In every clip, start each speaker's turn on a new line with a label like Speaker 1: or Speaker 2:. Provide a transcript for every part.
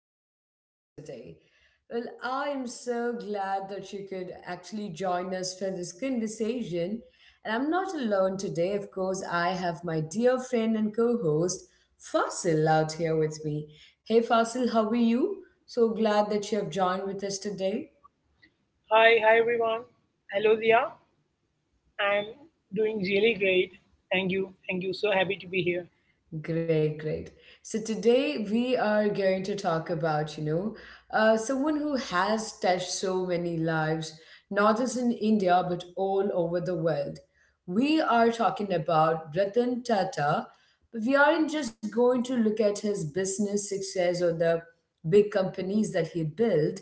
Speaker 1: to our podcast today. Well, I am so glad that you could actually join us for this conversation. And I'm not alone today, of course, I have my dear friend and co host Fasil out here with me. Hey, Fasil, how are you? So glad that you have joined with us today.
Speaker 2: Hi, everyone. Hello, Dia. I'm doing really great. Thank you. Thank you. So happy to be here.
Speaker 1: Great, great. So today we are going to talk about, someone who has touched so many lives, not just in India but all over the world. We are talking about Ratan Tata, but we aren't just going to look at his business success or the big companies that he built.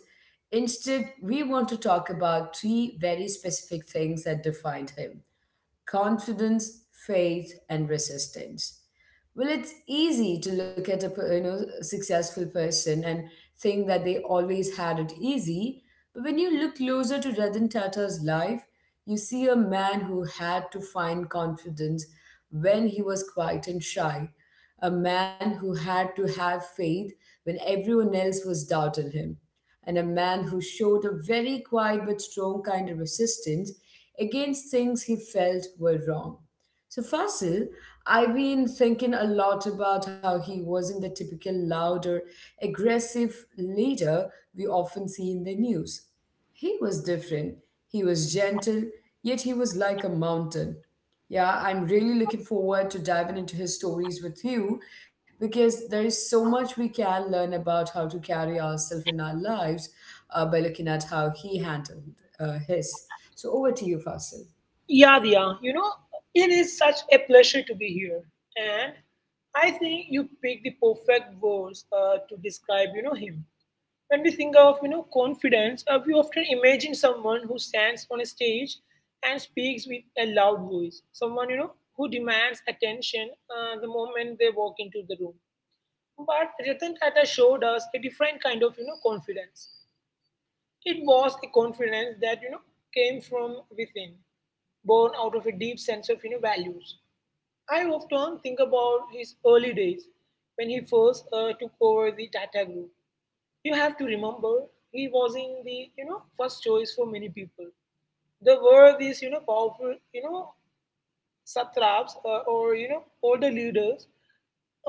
Speaker 1: Instead, we want to talk about three very specific things that defined him: confidence, faith, and resistance. Well, it's easy to look at a successful person and think that they always had it easy, but when you look closer to Ratan Tata's life, you see a man who had to find confidence when he was quiet and shy, a man who had to have faith when everyone else was doubting him, and a man who showed a very quiet but strong kind of resistance against things he felt were wrong. So, Fasil, I've been thinking a lot about how he wasn't the typical loud or aggressive leader we often see in the news. He was different. He was gentle, yet he was like a mountain. Yeah, I'm really looking forward to diving into his stories with you because there is so much we can learn about how to carry ourselves in our lives by looking at how he handled his. So over to you, Fasil.
Speaker 2: Yeah, Dia, it is such a pleasure to be here. And I think you picked the perfect words to describe, him. When we think of, confidence, we often imagine someone who stands on a stage and speaks with a loud voice. Someone, you know, who demands attention the moment they walk into the room. But Ratan Tata showed us a different kind of, confidence. It was a confidence that, came from within, born out of a deep sense of, values. I often think about his early days when he first took over the Tata Group. You have to remember he was in the, you know, first choice for many people. There were these, you know, powerful, you know, satraps or you know older leaders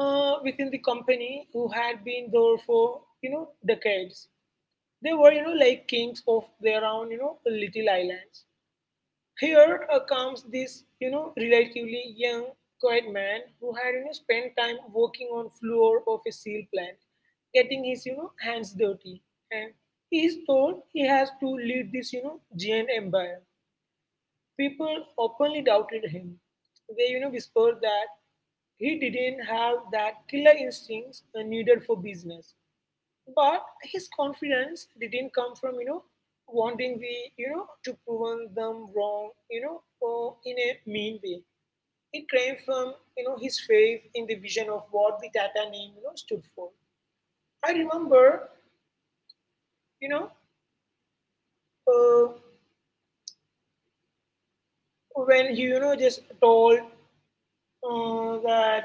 Speaker 2: within the company who had been there for you know decades. They were you know like kings of their own you know little islands. Here comes this you know relatively young, quiet man who had you know spent time working on floor of a seal plant, getting his you know hands dirty, and he is told he has to lead this you know giant empire. People openly doubted him. They, you know, whispered that he didn't have that killer instincts needed for business. But his confidence didn't come from, you know, wanting to prove them wrong, you know, or in a mean way. It came from, you know, his faith in the vision of what the Tata name, you know, stood for. I remember, you know, uh, when he, you know, just told that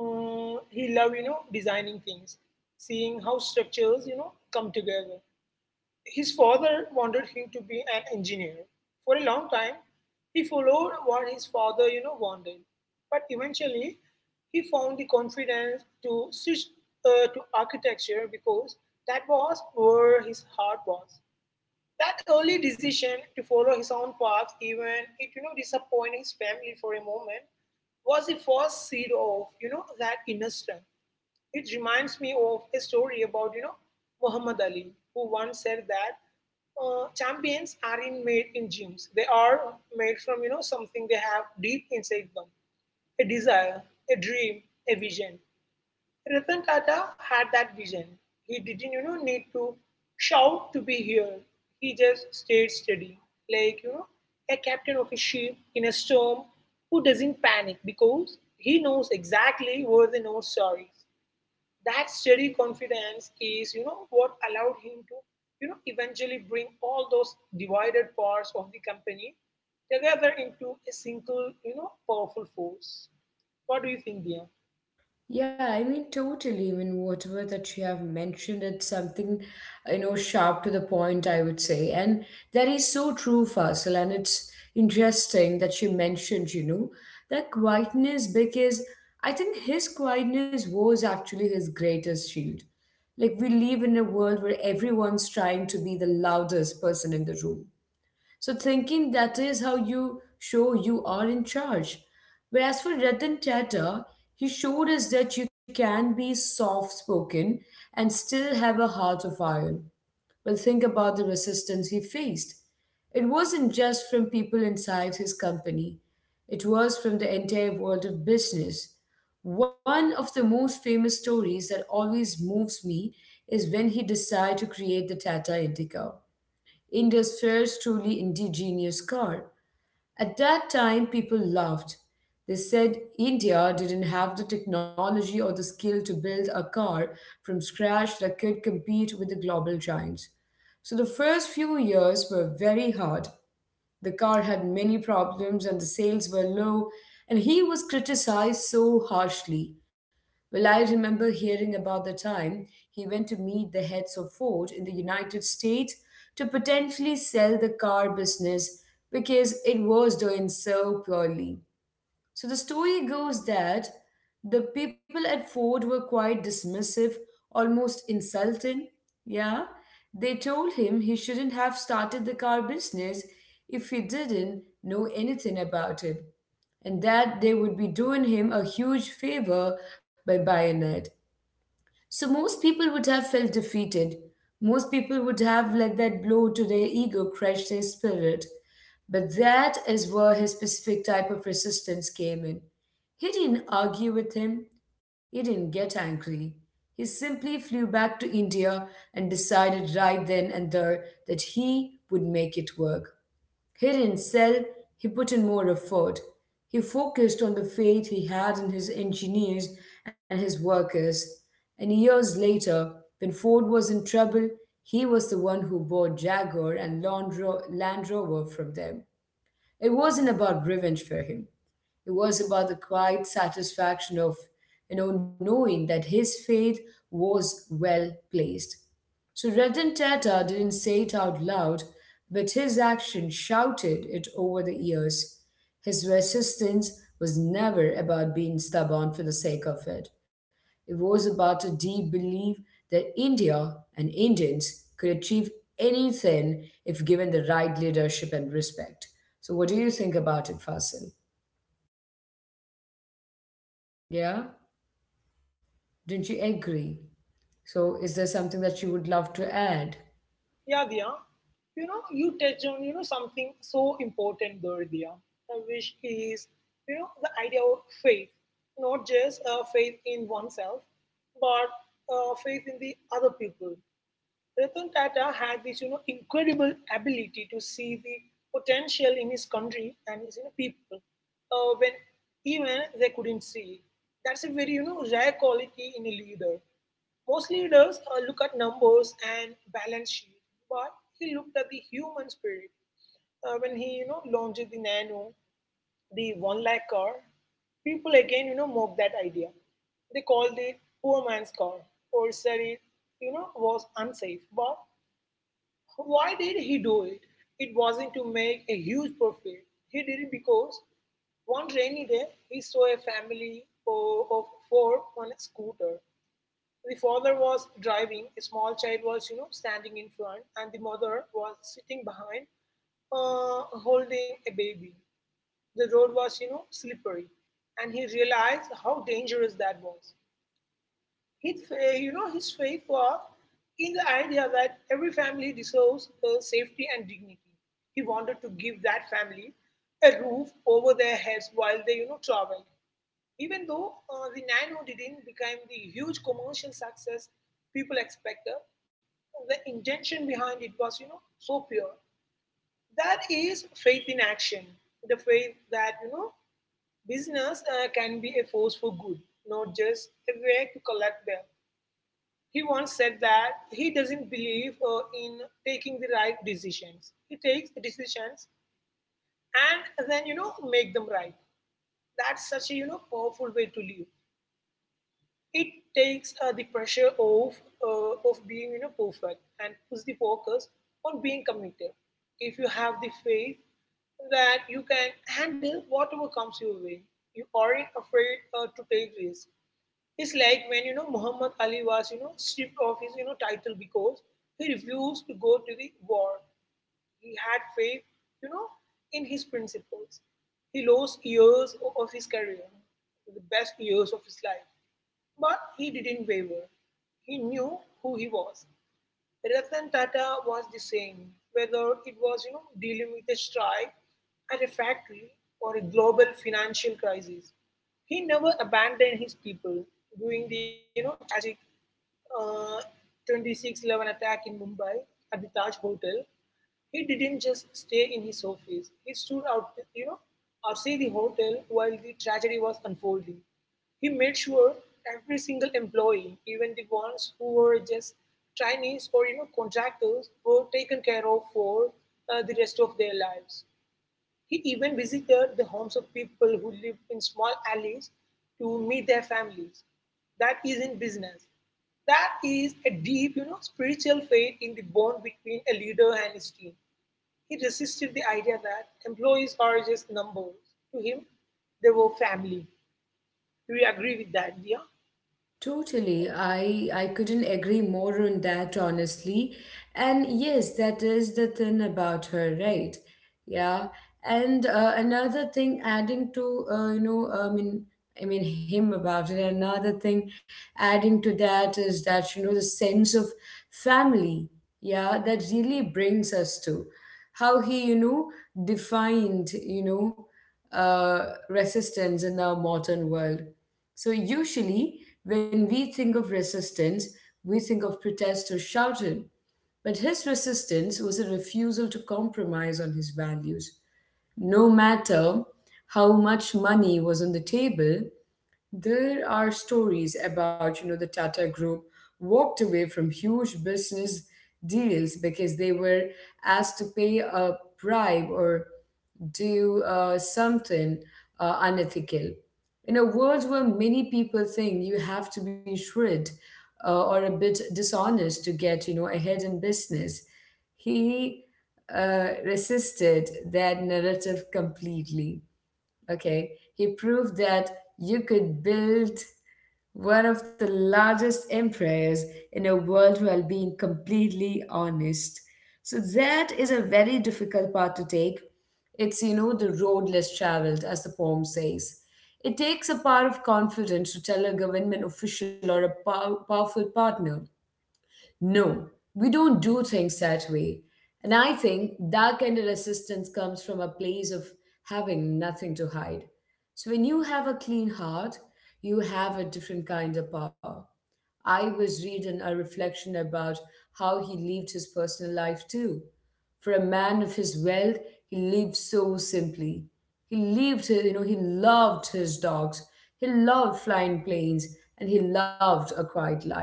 Speaker 2: he loved you know designing things, seeing how structures you know come together. His father wanted him to be an engineer for a long time. He followed what his father you know wanted, but eventually he found the confidence to switch to architecture because that was where his heart was. That early decision to follow his own path, even it you know disappointed his family for a moment, was the first seed of you know that inner strength. It reminds me of a story about you know Muhammad Ali, who once said that champions aren't made in gyms; they are made from you know something they have deep inside them, a desire, a dream, a vision. Ratan Tata had that vision. He didn't you know, need to shout to be here. He just stayed steady, like you know, a captain of a ship in a storm who doesn't panic because he knows exactly where the north star is. That steady confidence is you know what allowed him to you know eventually bring all those divided parts of the company together into a single you know powerful force. What do you think, dear?
Speaker 1: Yeah, I mean, totally. I mean, whatever that you have mentioned, it's something, you know, sharp to the point, I would say. And that is so true, Faisal. And it's interesting that you mentioned, you know, that quietness because I think his quietness was actually his greatest shield. Like, we live in a world where everyone's trying to be the loudest person in the room so thinking that is how you show you are in charge. Whereas for Ratan Tata, he showed us that you can be soft spoken and still have a heart of iron. Well, think about the resistance he faced. It wasn't just from people inside his company, it was from the entire world of business. One of the most famous stories that always moves me is when he decided to create the Tata Indica, India's first truly indigenous car. At that time, people laughed. They said India didn't have the technology or the skill to build a car from scratch that could compete with the global giants. So the first few years were very hard. The car had many problems and the sales were low, and he was criticized so harshly. Well, I remember hearing about the time he went to meet the heads of Ford in the United States to potentially sell the car business because it was doing so poorly. So the story goes that the people at Ford were quite dismissive, almost insulting. Yeah. They told him he shouldn't have started the car business if he didn't know anything about it, and that they would be doing him a huge favor by buying it. So most people would have felt defeated. Most people would have let that blow to their ego crush their spirit. But that is where his specific type of resistance came in. He didn't argue with him, he didn't get angry. He simply flew back to India and decided right then and there that he would make it work. Here did sell, he put in more effort. He focused on the faith he had in his engineers and his workers. And years later, when Ford was in trouble, he was the one who bought Jaguar and Land Rover from them. It wasn't about revenge for him. It was about the quiet satisfaction of, you know, knowing that his faith was well placed. So Ratan Tata didn't say it out loud, but his action shouted it over the years. His resistance was never about being stubborn for the sake of it. It was about a deep belief that India and Indians could achieve anything if given the right leadership and respect. So, what do you think about it, Fasil? Yeah? Don't you agree? So, is there something that you would love to add?
Speaker 2: Yeah, Diya. You know, you touch on you know something so important there, Diya, which is you know the idea of faith, not just faith in oneself, but faith in the other people. Ratan Tata had this, you know, incredible ability to see the potential in his country and his you know, people when even they couldn't see. It. That's a very, you know, rare quality in a leader. Most leaders look at numbers and balance sheet, but he looked at the human spirit. When he, you know, launched the Nano, the one lakh car, people again, you know, mock that idea. They called it poor man's car or said it, you know, was unsafe. But why did he do it? It wasn't to make a huge profit. He did it because one rainy day he saw a family of four on a scooter. The father was driving, a small child was, you know, standing in front, and the mother was sitting behind, holding a baby. The road was, you know, slippery, and he realized how dangerous that was. His, fa- you know, His faith was in the idea that every family deserves safety and dignity. He wanted to give that family a roof over their heads while they, you know, traveled. Even though the Nano didn't become the huge commercial success people expected, the intention behind it was, you know, so pure. That is faith in action, the faith that, you know, business can be a force for good, not just a way to collect them. He once said that he doesn't believe in taking the right decisions. He takes the decisions and then, you know, make them right. That's such a, you know, powerful way to live. It takes the pressure off of being, you know, perfect and puts the focus on being committed. If you have the faith that you can handle whatever comes your way. You aren't afraid to take risks. It's like when you know Muhammad Ali was you know stripped of his you know title because he refused to go to the war. He had faith, you know, in his principles. He lost years of his career, the best years of his life, but he didn't waver. He knew who he was. Ratan Tata was the same, whether it was you know dealing with a strike at a factory or a global financial crisis. He never abandoned his people during the you know tragic uh, 26/11 attack in Mumbai at the Taj Hotel. He didn't just stay in his office. He stood out, you know, outside the hotel while the tragedy was unfolding. He made sure every single employee, even the ones who were just trainees or you know contractors, were taken care of for the rest of their lives. He even visited the homes of people who lived in small alleys to meet their families. That is in business. That is a deep, you know, spiritual faith in the bond between a leader and his team. He resisted the idea that employees are just numbers. To him, they were family. Do you agree with that, dear?
Speaker 1: Totally. I couldn't agree more on that, honestly. And yes, that is the thing about her, right? Yeah. And another thing, adding to I mean him about it. Another thing, adding to that is that you know the sense of family. Yeah, that really brings us to how he defined resistance in our modern world. So, usually, when we think of resistance, we think of protest or shouting. But his resistance was a refusal to compromise on his values. No matter how much money was on the table, there are stories about, you know, the Tata Group walked away from huge business deals because they were asked to pay a bribe or do something unethical. In a world where many people think you have to be shrewd or a bit dishonest to get, you know, ahead in business, he resisted that narrative completely. Okay, he proved that you could build one of the largest empires in the world while being completely honest. So that is a very difficult path to take. It's, you know, the road less traveled, as the poem says. It takes a power of confidence to tell a government official or a powerful partner, no, we don't do things that way. And I think that kind of resistance comes from a place of having nothing to hide. So when you have a clean heart, you have a different kind of power. I was reading a reflection about how he lived his personal life too. For a man of his wealth, he lived so simply. He lived, his- you know, He loved his dogs, he loved flying planes, and he loved a quiet life.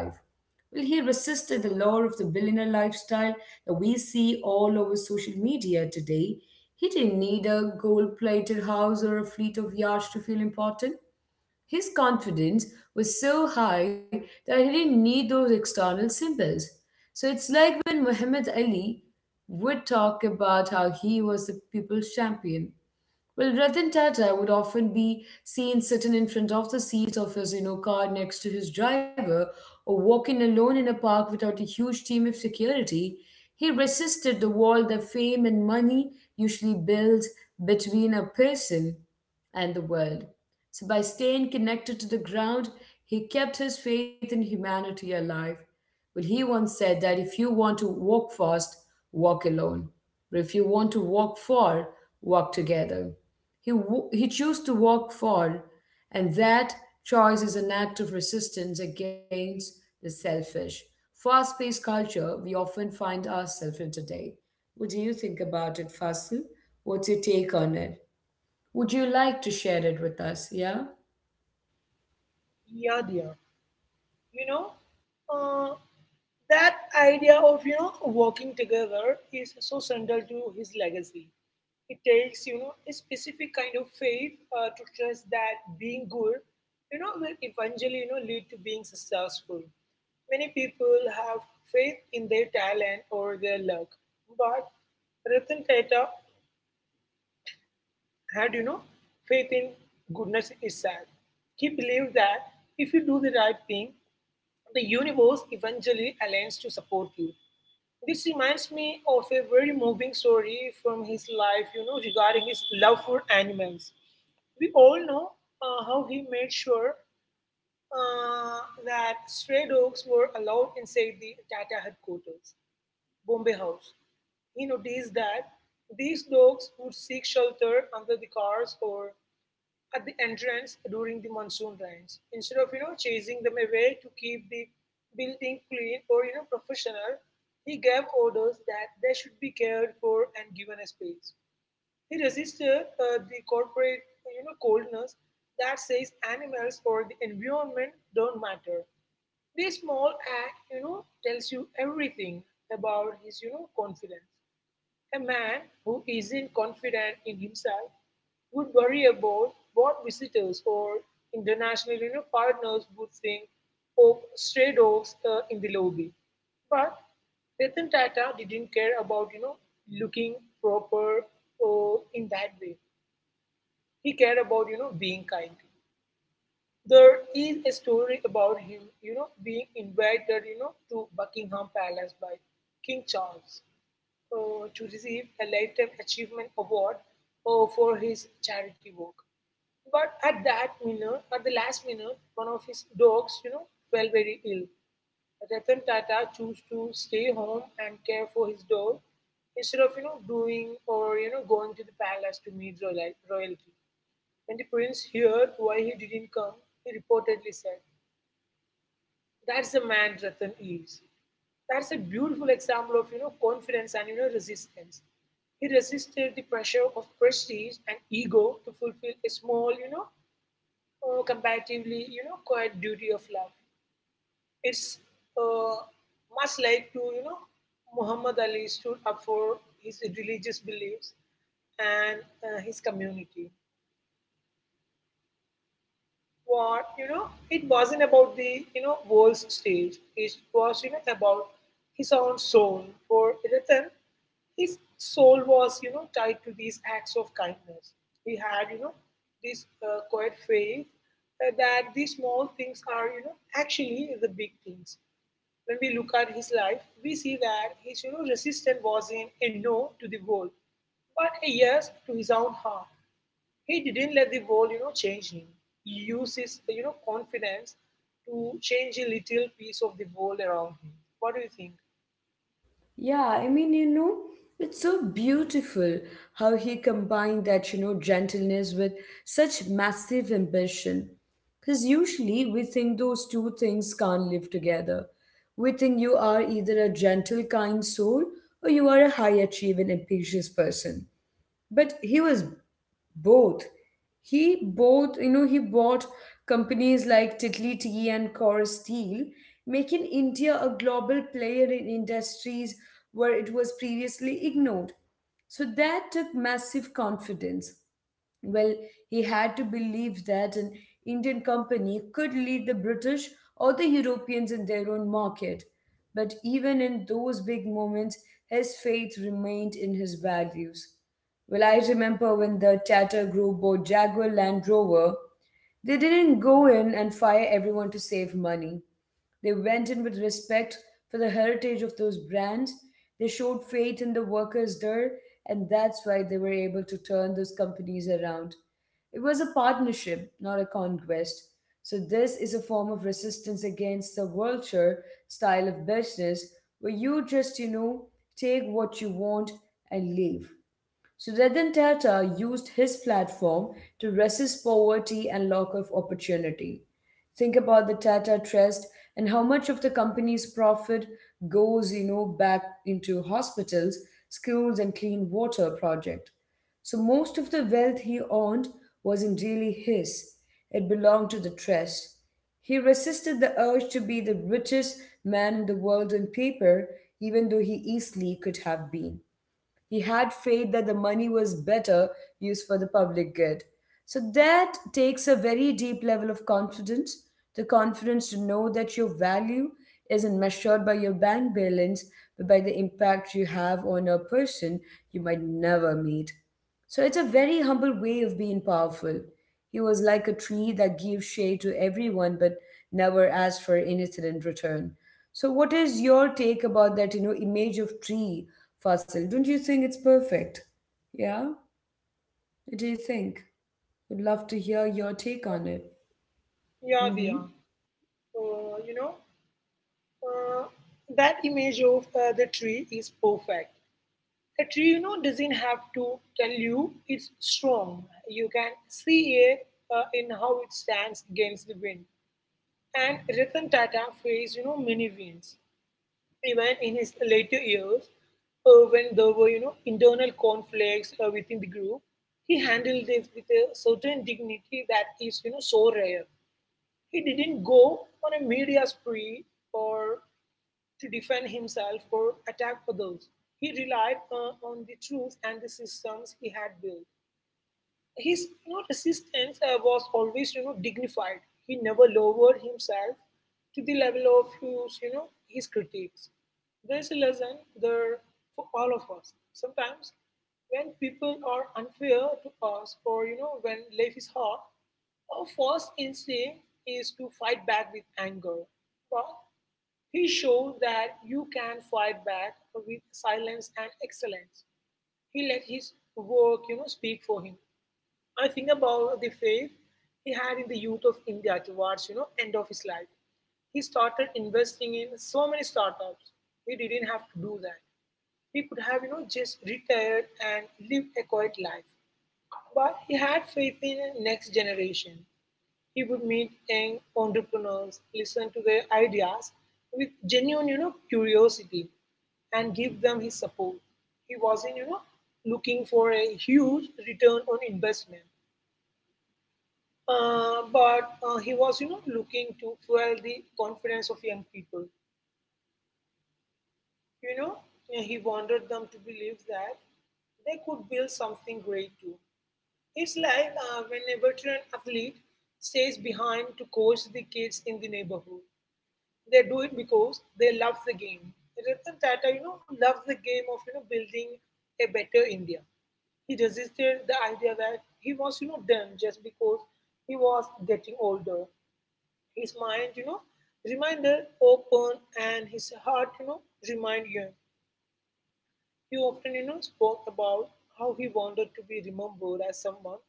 Speaker 1: Well, he resisted the lure of the billionaire lifestyle that we see all over social media today. He didn't need a gold plated house or a fleet of yachts to feel important. His confidence was so high that he didn't need those external symbols. So it's like when Muhammad Ali would talk about how he was the people's champion. Well, Ratan Tata would often be seen sitting in front of the seat of his, you know, car next to his driver, or walking alone in a park without a huge team of security. He resisted the wall that fame and money usually build between a person and the world. So, by staying connected to the ground, he kept his faith in humanity alive. Well, he once said that if you want to walk fast, walk alone. But if you want to walk far, walk together. He chose to walk far, and that choice is an act of resistance against the selfish, fast paced culture we often find ourselves in today. What do you think about it, Fasil? What's your take on it? Would you like to share it with us? Yeah?
Speaker 2: Yeah, dear. You know, uh, that idea of you know working together is so central to his legacy. It takes you know a specific kind of faith to trust that being good, you know, will eventually you know lead to being successful. Many people have faith in their talent or their luck, but Ratan Tata had you know faith in goodness itself. He believed that if you do the right thing, the universe eventually aligns to support you. This reminds me of a very moving story from his life, you know, regarding his love for animals. We all know how he made sure uh, that stray dogs were allowed inside the Tata headquarters, Bombay House. He noticed that these dogs would seek shelter under the cars or at the entrance during the monsoon rains. Instead of you know chasing them away to keep the building clean or you know professional, he gave orders that they should be cared for and given a space. He resisted the corporate you know coldness that says animals or the environment don't matter. This small act you know tells you everything about his you know confidence. A man who isn't confident in himself would worry about what visitors or international you know, partners would think of stray dogs in the lobby. But Ratan Tata didn't care about you know looking proper or in that way. He cared about you know being kind. There is a story about him you know being invited you know to Buckingham Palace by King Charles to receive a Lifetime Achievement Award for his charity work. But at that minute, at the last minute, one of his dogs, you know, fell very ill. Ratan Tata chose to stay home and care for his dog instead of, you know, doing or, you know, going to the palace to meet royalty. When the prince heard why he didn't come, he reportedly said, that's the man Ratan is. That's a beautiful example of you know confidence and you know resistance. He resisted the pressure of prestige and ego to fulfill a small, you know, comparatively, you know, quiet duty of love. It's uh, much like to you know Muhammad Ali stood up for his religious beliefs and his community. What, it wasn't about the, world's stage. It was, about his own soul. For Ratan, his soul was, tied to these acts of kindness. He had, this quiet faith that these small things are, actually the big things. When we look at his life, we see that his, resistance was in a no to the world, but a yes to his own heart. He didn't let the world, change him. He used his, confidence to change a little piece of the world around him. What do you think?
Speaker 1: Yeah, I mean, you know, it's so beautiful how he combined that, you know, gentleness with such massive ambition. Because usually we think those two things can't live together. We think you are either a gentle, kind soul or you are a high achieving, ambitious person. But he was both. He both you know He bought companies like Titli Tea and Core Steel, making India a global player in industries where it was previously ignored. So that took massive confidence. Well, he had to believe that an Indian company could lead the British or the Europeans in their own market. But even in those big moments, his faith remained in his values. Well, I remember when the Tata Group bought Jaguar Land Rover. They didn't go in and fire everyone to save money. They went in with respect for the heritage of those brands. They showed faith in the workers there, and that's why they were able to turn those companies around. It was a partnership, not a conquest. So, this is a form of resistance against the vulture style of business where you just, you know, take what you want and leave. Sudetan Tata used his platform to resist poverty and lack of opportunity. Think about the Tata Trust and how much of the company's profit goes, you know, back into hospitals, schools, and clean water project. So most of the wealth he owned wasn't really his. It belonged to the trust. He resisted the urge to be the richest man in the world on paper, even though he easily could have been. He had faith that the money was better used for the public good. So that takes a very deep level of confidence, the confidence to know that your value isn't measured by your bank balance, but by the impact you have on a person you might never meet. So it's a very humble way of being powerful. He was like a tree that gives shade to everyone but never asks for anything in return. So what is your take about that, you know, image of tree, Fasil? Don't you think it's perfect? Yeah? What do you think? Would love to hear your take on it.
Speaker 2: Yeah, we
Speaker 1: Mm-hmm.
Speaker 2: are. Uh, you know, uh, that image of the tree is perfect. A tree, doesn't have to tell you it's strong. You can see it in how it stands against the wind. And Ratan Tata faced, many winds. Even in his later years, when there were, internal conflicts within the group, he handled this with a certain dignity that is, so rare. He didn't go on a media spree or to defend himself or attack others. He relied on the truth and the systems he had built. His, resistance was always, dignified. He never lowered himself to the level of his you know his critics. There's a lesson there for all of us. Sometimes when people are unfair to us, or, when life is hard, our first instinct is to fight back with anger. But he showed that you can fight back with silence and excellence. He let his work, speak for him. I think about the faith he had in the youth of India towards, end of his life. He started investing in so many startups. He didn't have to do that. He could have, just retired and lived a quiet life. But he had faith in the next generation. He would meet young entrepreneurs, listen to their ideas with genuine, curiosity, and give them his support. He wasn't, looking for a huge return on investment, but he was, looking to fuel the confidence of young people. You know, he wanted them to believe that they could build something great too. It's like when a veteran athlete stays behind to coach the kids in the neighborhood. They do it because they love the game. Ratan Tata, loved the game of, building a better India. He resisted the idea that he was, done just because he was getting older. His mind, remained open, and his heart, remained young. He often, spoke about how he wanted to be remembered as someone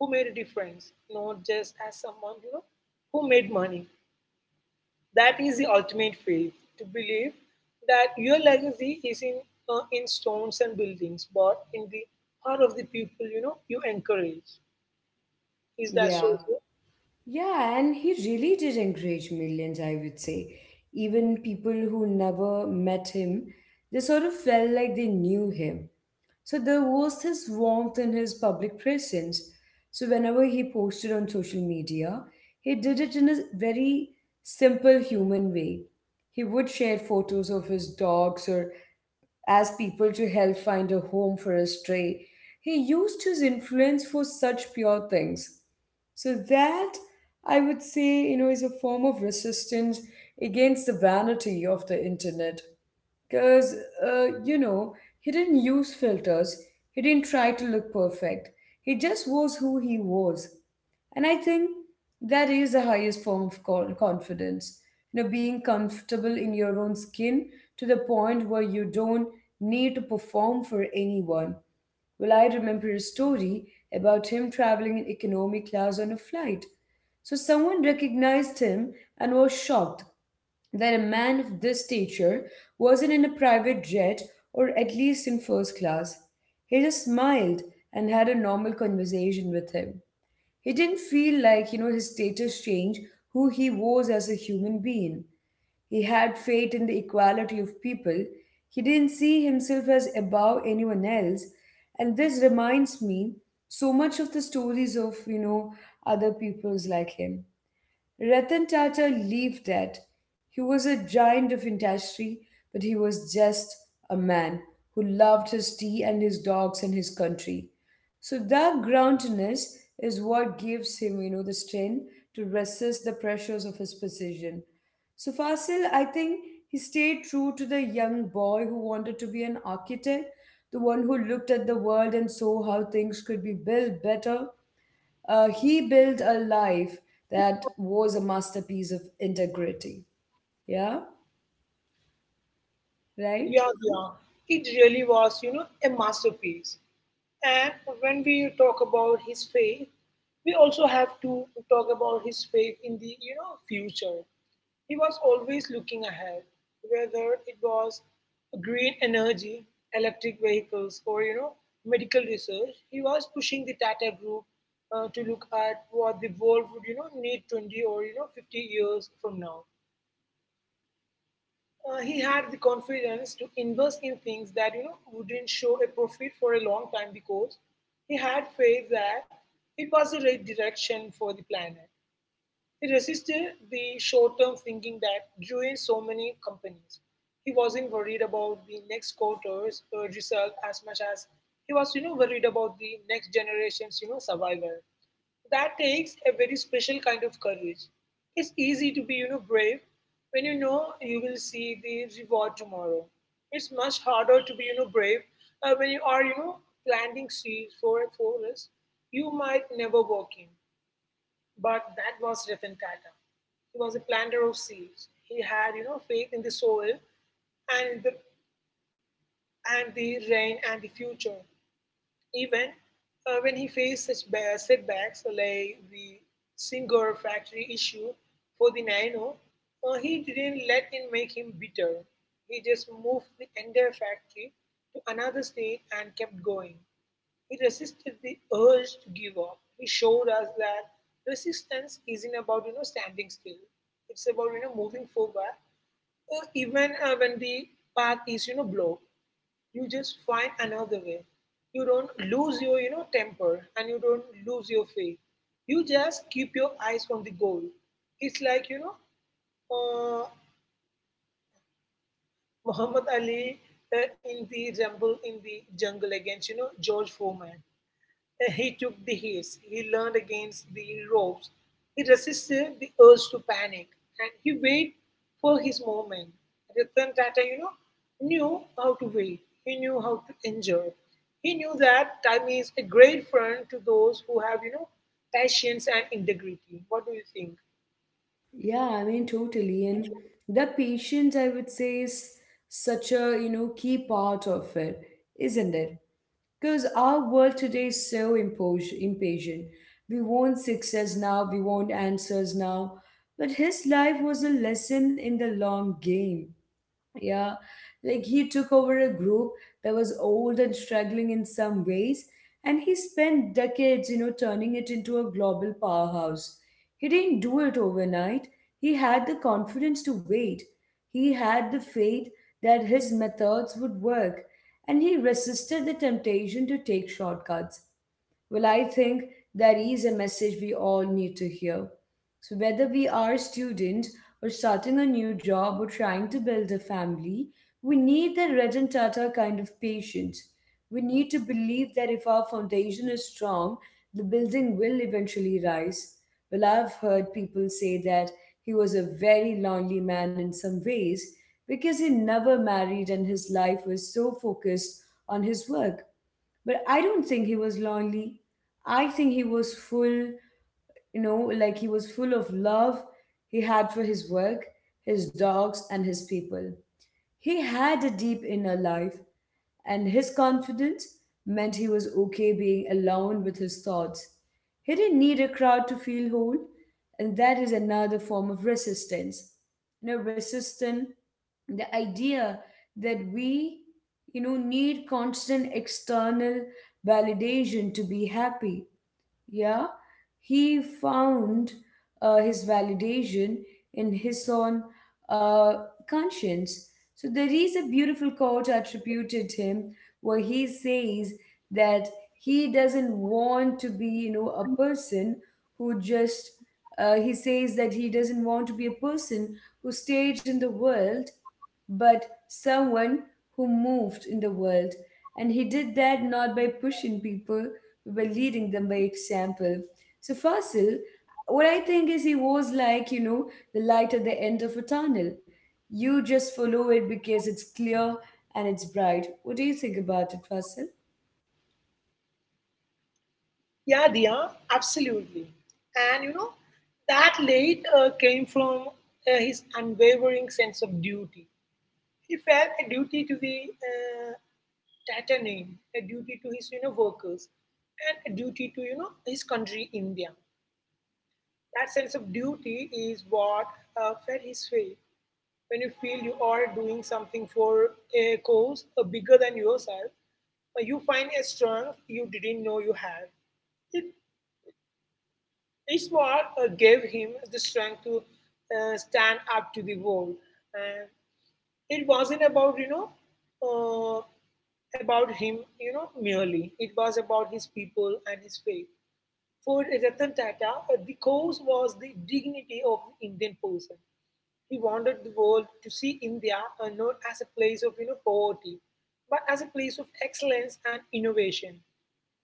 Speaker 2: who made a difference, not just as someone, who made money. That is the ultimate faith, to believe that your legacy is in stones and buildings, but in the heart of the people, you encourage. Is that so?
Speaker 1: Yeah. Yeah, and he really did encourage millions, I would say. Even people who never met him, they sort of felt like they knew him. So there was this warmth in his public presence. So whenever he posted on social media, he did it in a very simple human way. He would share photos of his dogs or ask people to help find a home for a stray. He used his influence for such pure things. So that, I would say, you know, is a form of resistance against the vanity of the internet. Because, you know, he didn't use filters, he didn't try to look perfect. He just was who he was. And I think that is the highest form of confidence. You know, being comfortable in your own skin to the point where you don't need to perform for anyone. Well, I remember a story about him traveling in economy class on a flight. So someone recognized him and was shocked that a man of this stature wasn't in a private jet or at least in first class. He just smiled and had a normal conversation with him. He didn't feel like, you know, his status changed who he was as a human being. He had faith in the equality of people. He didn't see himself as above anyone else. And this reminds me so much of the stories of, you know, other peoples like him. Ratan Tata lived that. He was a giant of industry, but he was just a man who loved his tea and his dogs and his country. So that groundedness is what gives him, you know, the strength to resist the pressures of his position. So Fasil, I think he stayed true to the young boy who wanted to be an architect, the one who looked at the world and saw how things could be built better. He built a life that was a masterpiece of integrity. Yeah, right?
Speaker 2: Yeah, yeah. It really was, a masterpiece. And when we talk about his faith, we also have to talk about his faith in the, future. He was always looking ahead, whether it was green energy, electric vehicles, or, medical research. He was pushing the Tata Group to look at what the world would, need 20 or, 50 years from now. He had the confidence to invest in things that, wouldn't show a profit for a long time, because he had faith that it was the right direction for the planet. He resisted the short term thinking that ruined so many companies. He wasn't worried about the next quarter's result as much as he was, worried about the next generation's, survival. That takes a very special kind of courage. It's easy to be, brave when you know you will see the reward tomorrow. It's much harder to be, brave when you are, planting seeds for a forest you might never walk in. But that was Ratan Tata. He was a planter of seeds. He had, faith in the soil and the and the rain and the future. Even when he faced such setbacks, so like the Singer factory issue for the Nano, he didn't let it make him bitter. He just moved the entire factory to another state and kept going. He resisted the urge to give up. He showed us that resistance isn't about, standing still. It's about, moving forward, even when the path is, blocked. You just find another way. You don't lose your, temper, and you don't lose your faith. You just keep your eyes on the goal. It's like, uh, Muhammad Ali in the rumble in the jungle against, George Foreman. He took the hits, he leaned against the ropes, he resisted the urge to panic, and he waited for his moment. Ratan Tata, knew how to wait. He knew how to endure. He knew that time is a great friend to those who have, patience and integrity. What do you think?
Speaker 1: Yeah, I mean, totally. And the patience, I would say, is such a, you know, key part of it, isn't it? Because our world today is so impatient. We want success now, we want answers now. But his life was a lesson in the long game. Yeah, like he took over a group that was old and struggling in some ways, and he spent decades, you know, turning it into a global powerhouse. He didn't do it overnight. He had the confidence to wait. He had the faith that his methods would work, and he resisted the temptation to take shortcuts. Well, I think that is a message we all need to hear. So, whether we are students or starting a new job or trying to build a family, we need that Rajan Tata kind of patience. We need to believe that if our foundation is strong, the building will eventually rise. Well, I've heard people say that he was a very lonely man in some ways because he never married and his life was so focused on his work. But I don't think he was lonely. I think he was full, you know, like he was full of love he had for his work, his dogs, and his people. He had a deep inner life and his confidence meant he was okay being alone with his thoughts. He didn't need a crowd to feel whole, and that is another form of resistance. You know, resistant, the idea that we, you know, need constant external validation to be happy. Yeah, he found his validation in his own uh, conscience. So there is a beautiful quote attributed to him where he says that he doesn't want to be, you know, a person who just— he says that he doesn't want to be a person who stayed in the world but someone who moved in the world, and he did that not by pushing people, we were leading them by example. So Fasil, what I think is he was like, you know, the light at the end of a tunnel. You just follow it because it's clear and it's bright. What do you think about it, Fasil?
Speaker 2: Yeah, Diya, absolutely. And you know, that late came from his unwavering sense of duty. He felt a duty to the Tatter name, a duty to his, workers, and a duty to, his country, India. That sense of duty is what fed his faith. When you feel you are doing something for a cause bigger than yourself, you find a strength you didn't know you had. It Ishmael gave him the strength to stand up to the world. And it wasn't about, uh, about him, merely. It was about his people and his faith. For Ratan Tata, the cause was the dignity of the Indian person. He wanted the world to see India not as a place of, poverty, but as a place of excellence and innovation.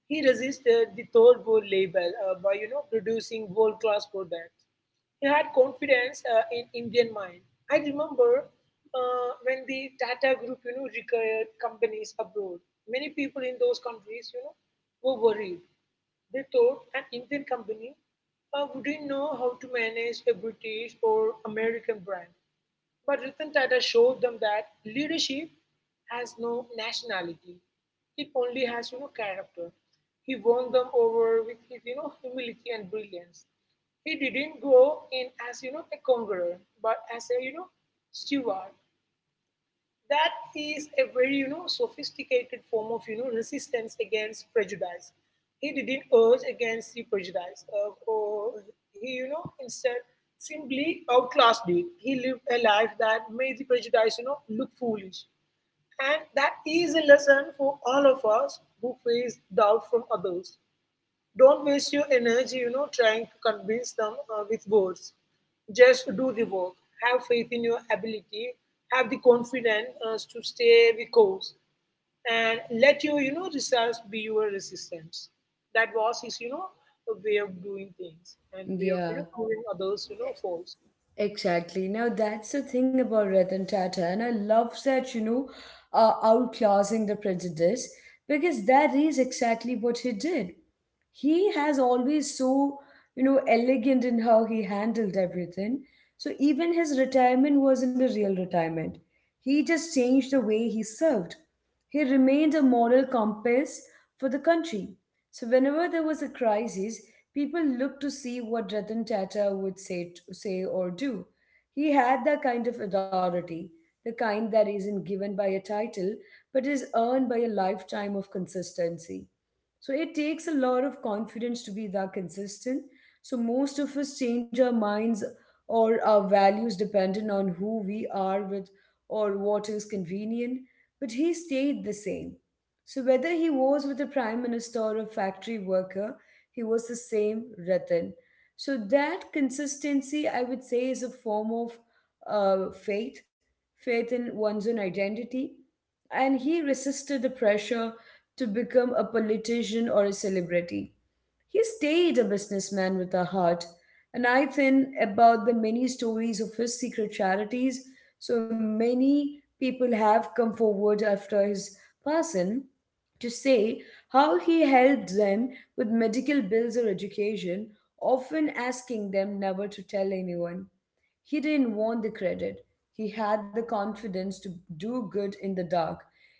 Speaker 2: He resisted the third world label by, producing world class products. He had confidence in Indian mind. I remember when the Tata Group, required companies abroad. Many people in those countries, were worried. They thought an Indian company wouldn't know how to manage a British or American brand. But Ratan Tata showed them that leadership has no nationality. It only has, character. He won them over with his, humility and brilliance. He didn't go in as, a conqueror, but as a, steward. That is a very, sophisticated form of, resistance against prejudice. He didn't urge against the prejudice, or he, instead simply outclassed it. He lived a life that made the prejudice, look foolish. And that is a lesson for all of us who face doubt from others. Don't waste your energy, trying to convince them with words. Just do the work. Have faith in your ability. Have the confidence to stay the course, and let your, results be your resistance. That was his, a way of doing things and way of,
Speaker 1: Yeah,
Speaker 2: proving others, false.
Speaker 1: exactly. Now that's the thing about Ratan Tata, and I love that, you know, outclassing the prejudice, because that is exactly what he did. He has always so, you know, elegant in how he handled everything. So even his retirement wasn't a real retirement. He just changed the way he served. He remained a moral compass for the country. So whenever there was a crisis, people looked to see what Ratan Tata would say or do. He had that kind of authority, the kind that isn't given by a title but is earned by a lifetime of consistency. So it takes a lot of confidence to be that consistent. So most of us change our minds or our values depending on who we are with or what is convenient, but he stayed the same. So whether he was with a prime minister or a factory worker, he was the same Ratan. So that consistency, I would say, is a form of faith, faith in one's own identity, and he resisted the pressure to become a politician or a celebrity. He stayed a businessman with a heart. And I think about the many stories of his secret charities. So many people have come forward after his passing to say how he helped them with medical bills or education, often asking them never to tell anyone. He didn't want the credit. He had the confidence to do good in the dark.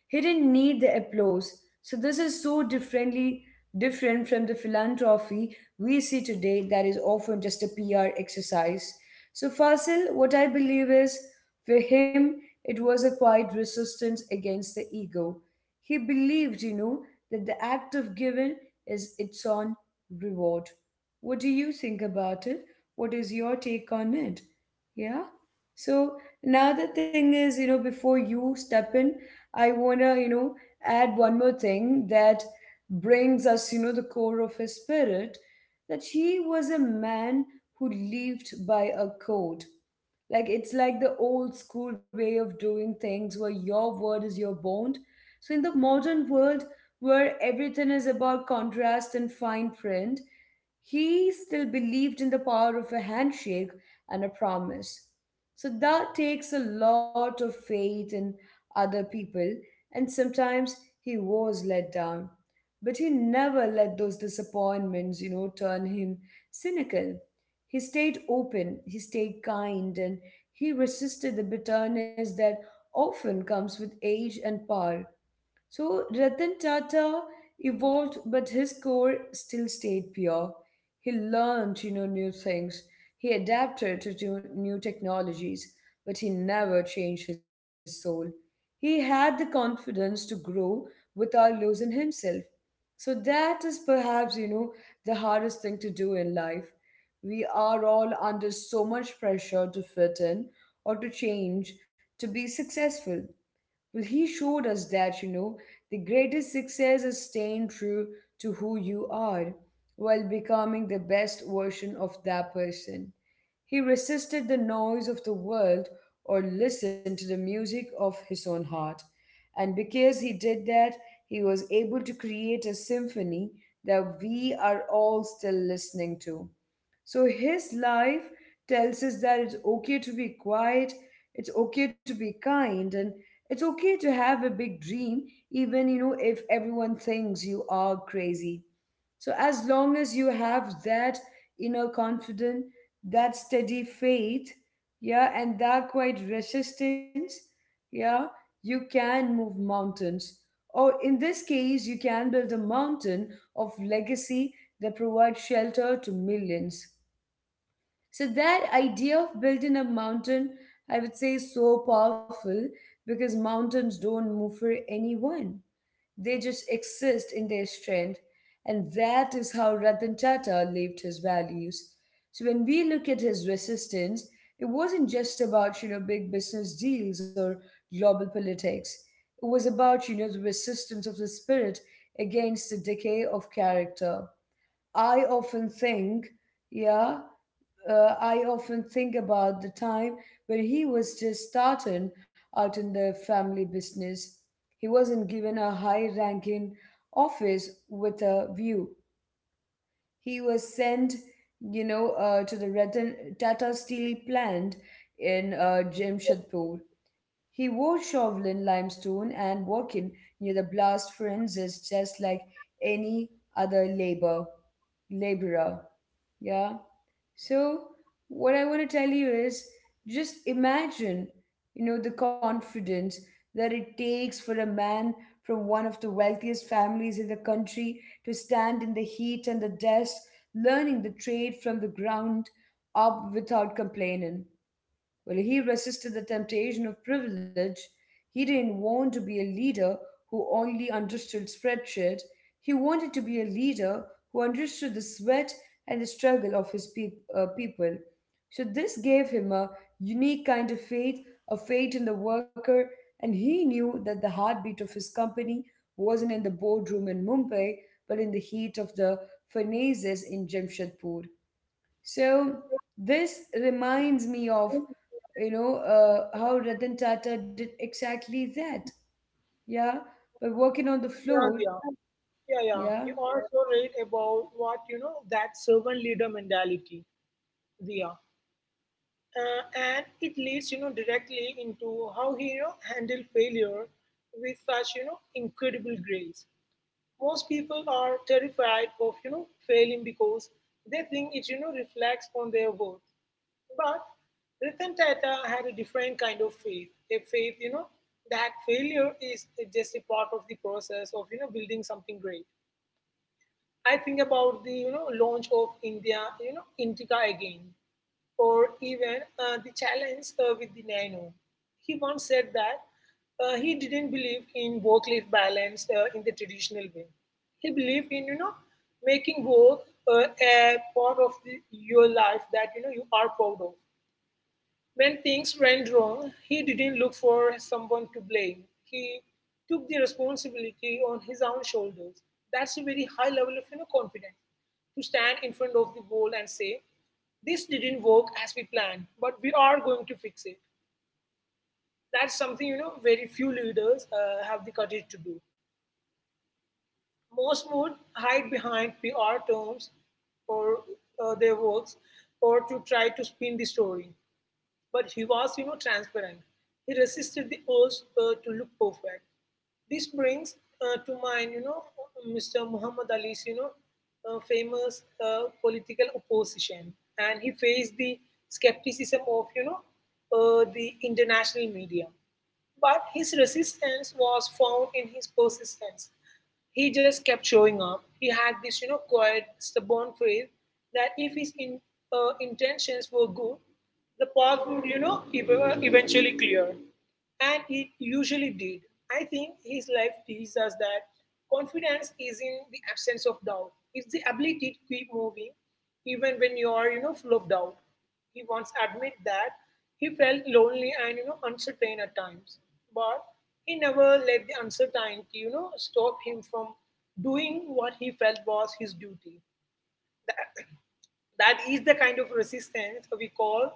Speaker 1: He didn't need the applause. So this is so different from the philanthropy we see today that is often just a PR exercise. So Fasil, what I believe is for him it was a quiet resistance against the ego. He believed, you know, that the act of giving is its own reward. What do you think about it? What is your take on it? Yeah. So now the thing is, you know, before you step in, I wanna, you know, add one more thing that brings us, you know, the core of his spirit, that he was a man who lived by a code. Like it's like the old school way of doing things where your word is your bond. So, in the modern world where everything is about contrast and fine print, he still believed in the power of a handshake and a promise. So, that takes a lot of faith in other people, and sometimes he was let down. But he never let those disappointments, you know, turn him cynical. He stayed open, he stayed kind, and he resisted the bitterness that often comes with age and power. So Ratan Tata evolved, but his core still stayed pure. He learned, you know, new things. He adapted to do new technologies, but he never changed his soul. He had the confidence to grow without losing himself. So that is perhaps, you know, the hardest thing to do in life. We are all under so much pressure to fit in or to change, to be successful. Well, he showed us that, you know, the greatest success is staying true to who you are while becoming the best version of that person. He resisted the noise of the world or listened to the music of his own heart. And because he did that, he was able to create a symphony that we are all still listening to. So his life tells us that it's okay to be quiet, it's okay to be kind, and it's okay to have a big dream, even, you know, if everyone thinks you are crazy. So as long as you have that inner confidence, that steady faith, yeah, and that quiet resistance, yeah, you can move mountains. Or in this case, you can build a mountain of legacy that provides shelter to millions. So that idea of building a mountain, I would say, is so powerful because mountains don't move for anyone. They just exist in their strength. And that is how Ratan Tata lived his values. So when we look at his resistance, it wasn't just about, you know, big business deals or global politics. It was about, you know, the resistance of the spirit against the decay of character. I often think, yeah, I often think about the time when he was just starting out in the family business. He wasn't given a high ranking office with a view. He was sent, to the Tata Steel plant in Jamshedpur. He wore Chauvelin limestone and working near the blast furnaces just like any other laborer. Yeah. So, what I want to tell you is just imagine, you know, the confidence that it takes for a man from one of the wealthiest families in the country to stand in the heat and the dust, learning the trade from the ground up without complaining. Well, he resisted the temptation of privilege. He didn't want to be a leader who only understood spreadsheet. He wanted to be a leader who understood the sweat and the struggle of his people. So this gave him a unique kind of faith, a faith in the worker, and he knew that the heartbeat of his company wasn't in the boardroom in Mumbai, but in the heat of the furnaces in Jamshedpur. So this reminds me of, how Ratan Tata did exactly that. Yeah, by working on the
Speaker 2: Yeah,
Speaker 1: floor.
Speaker 2: yeah. Yeah, yeah. You
Speaker 1: Yeah.
Speaker 2: also read about what, that servant leader mentality. Yeah. And it leads, directly into how he, handled failure with such, incredible grace. Most people are terrified of, failing, because they think it, reflects on their worth. But Ratan Tata had a different kind of faith, a faith, that failure is just a part of the process of, building something great. I think about the, launch of India, Indica again, or even the challenge with the Nano. He once said that he didn't believe in work-life balance in the traditional way. He believed in, making work a part of the, your life that, you are proud of. When things went wrong, he didn't look for someone to blame. He took the responsibility on his own shoulders. That's a very high level of, confidence to stand in front of the world and say, "This didn't work as we planned, but we are going to fix it." That's something, very few leaders have the courage to do. Most would hide behind PR terms or their works or to try to spin the story. But he was, transparent. He resisted the urge to look perfect. This brings to mind, Mr. Muhammad Ali's, famous political opposition, and he faced the skepticism of, the international media. But his resistance was found in his persistence. He just kept showing up. He had this, quiet, stubborn faith that if his intentions were good, the path would, eventually clear. And he usually did. I think his life teaches us that confidence is in the absence of doubt. It's the ability to keep moving even when you are, full of doubt. He once admit that he felt lonely and uncertain at times. But he never let the uncertainty, stop him from doing what he felt was his duty. The That is the kind of resistance we call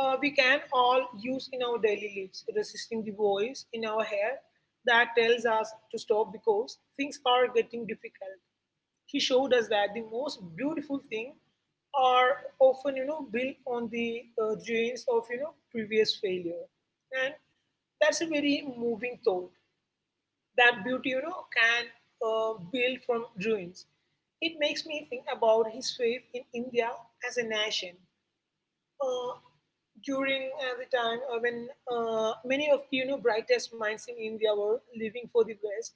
Speaker 2: we can all use in our daily lives, resisting the voice in our head that tells us to stop because things are getting difficult. He showed us that the most beautiful thing are often, built on the ruins of, previous failure. And that's a very moving thought that beauty can build from ruins. It makes me think about his faith in India as a nation uh, during the time when many of the brightest minds in India were leaving for the West,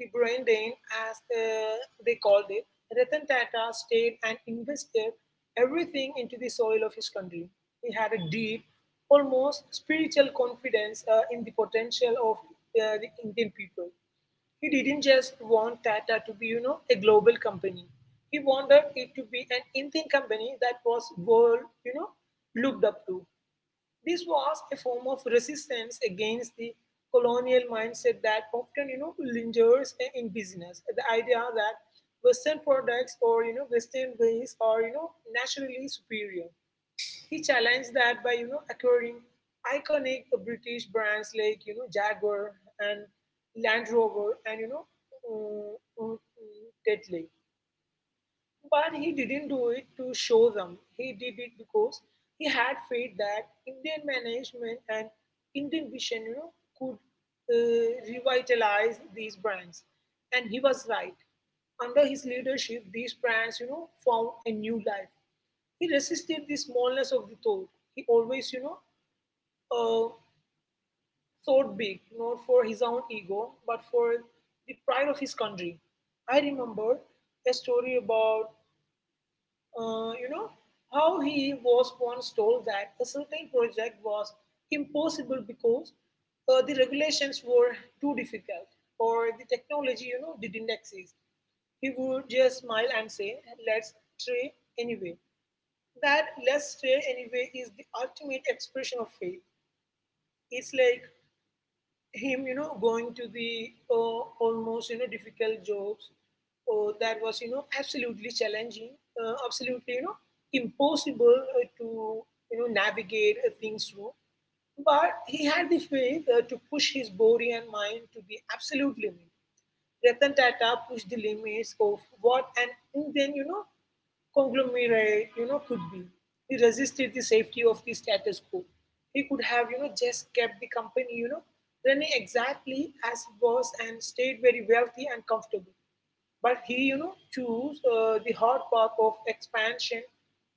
Speaker 2: the brain drain, as they called it. Ratan Tata stayed and invested everything into the soil of his country. He had a deep, almost spiritual confidence in the potential of the Indian people. He didn't just want Tata to be, a global company. He wanted it to be an Indian company that was world, looked up to. This was a form of resistance against the colonial mindset that often, lingers in business. The idea that Western products or Western ways are naturally superior. He challenged that by acquiring iconic British brands like Jaguar and Land Rover and um, um, um, Tetley. But he didn't do it to show them. He did it because he had faith that Indian management and Indian vision, could revitalize these brands. And he was right. Under his leadership, these brands, found a new life. He resisted the smallness of the thought. He always, uh, thought big, not for his own ego, but for the pride of his country. I remember a story about uh, you know, how he was once told that a certain project was impossible because the regulations were too difficult or the technology, didn't exist. He would just smile and say, let's try anyway. That let's try anyway is the ultimate expression of faith. It's like him, going to the almost, difficult jobs that was, absolutely challenging, absolutely, impossible to, navigate things through. But he had the faith to push his body and mind to the absolute limit. Ratan Tata pushed the limits of what an Indian, conglomerate, could be. He resisted the safety of the status quo. He could have, just kept the company, running exactly as it was and stayed very wealthy and comfortable. But he, chose the hard path of expansion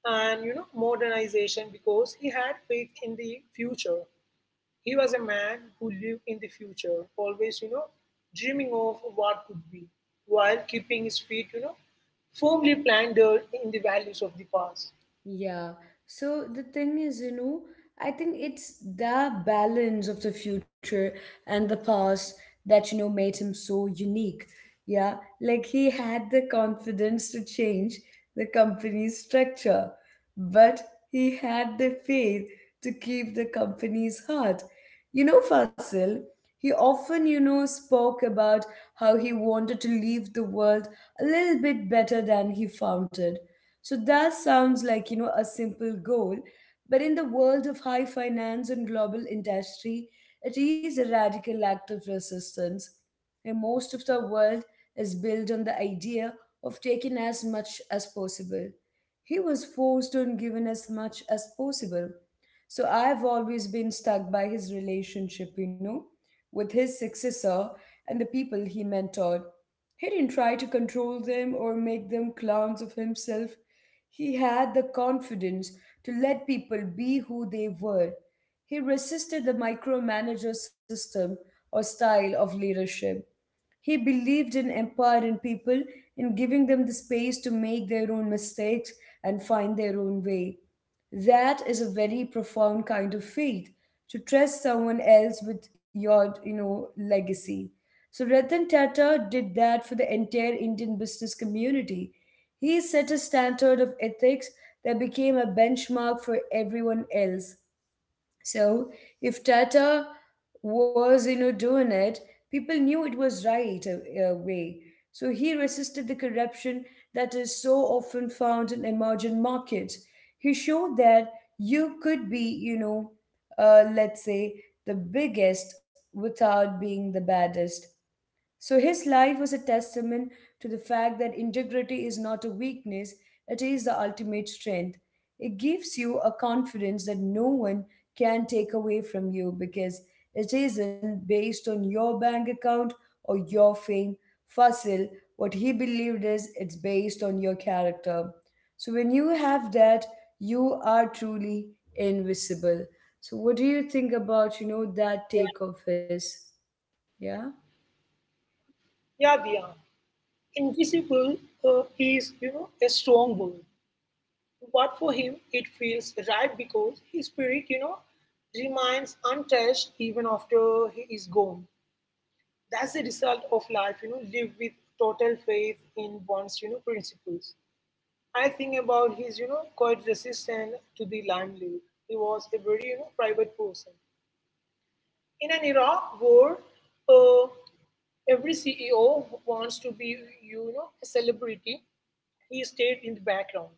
Speaker 2: and, modernization because he had faith in the future. He was a man who lived in the future, always, dreaming of what could be, while keeping his feet, firmly planted in the values of the past.
Speaker 1: Yeah. So the thing is, you know, I think it's the balance of the future and the past that, you know, made him so unique. Yeah. Like he had the confidence to change the company's structure, but he had the faith to keep the company's heart. You know, Fasil, he often, you know, spoke about how he wanted to leave the world a little bit better than he found it, so that sounds like, you know, a simple goal, but in the world of high finance and global industry, it is a radical act of resistance. And most of the world is built on the idea of taking as much as possible. He was forced on giving as much as possible. So I've always been stuck by his relationship, you know, with his successor and the people he mentored. He didn't try to control them or make them clowns of himself. He had the confidence to let people be who they were. He resisted the micromanager system or style of leadership. He believed in empowering people and giving them the space to make their own mistakes and find their own way. That is a very profound kind of faith to trust someone else with your, you know, legacy. So Ratan Tata did that for the entire Indian business community. He set a standard of ethics that became a benchmark for everyone else. So if Tata was, you know, doing it, people knew it was right a way. So he resisted the corruption that is so often found in emerging markets. He showed that you could be, let's say, the biggest without being the baddest. So his life was a testament to the fact that integrity is not a weakness, it is the ultimate strength. It gives you a confidence that no one can take away from you because it isn't based on your bank account or your fame. Fasil, what he believed is it's based on your character. So when you have that, you are truly invisible. So what do you think about, you know, that take of his? Yeah?
Speaker 2: Yeah, Diya. Invisible is, a strong word, but for him it feels right because his spirit, remains untouched even after he is gone. That's the result of life, live with total faith in one's, principles. I think about his, quite resistant to the limelight. He was a very, private person. In an era where uh, every CEO wants to be, a celebrity, he stayed in the background.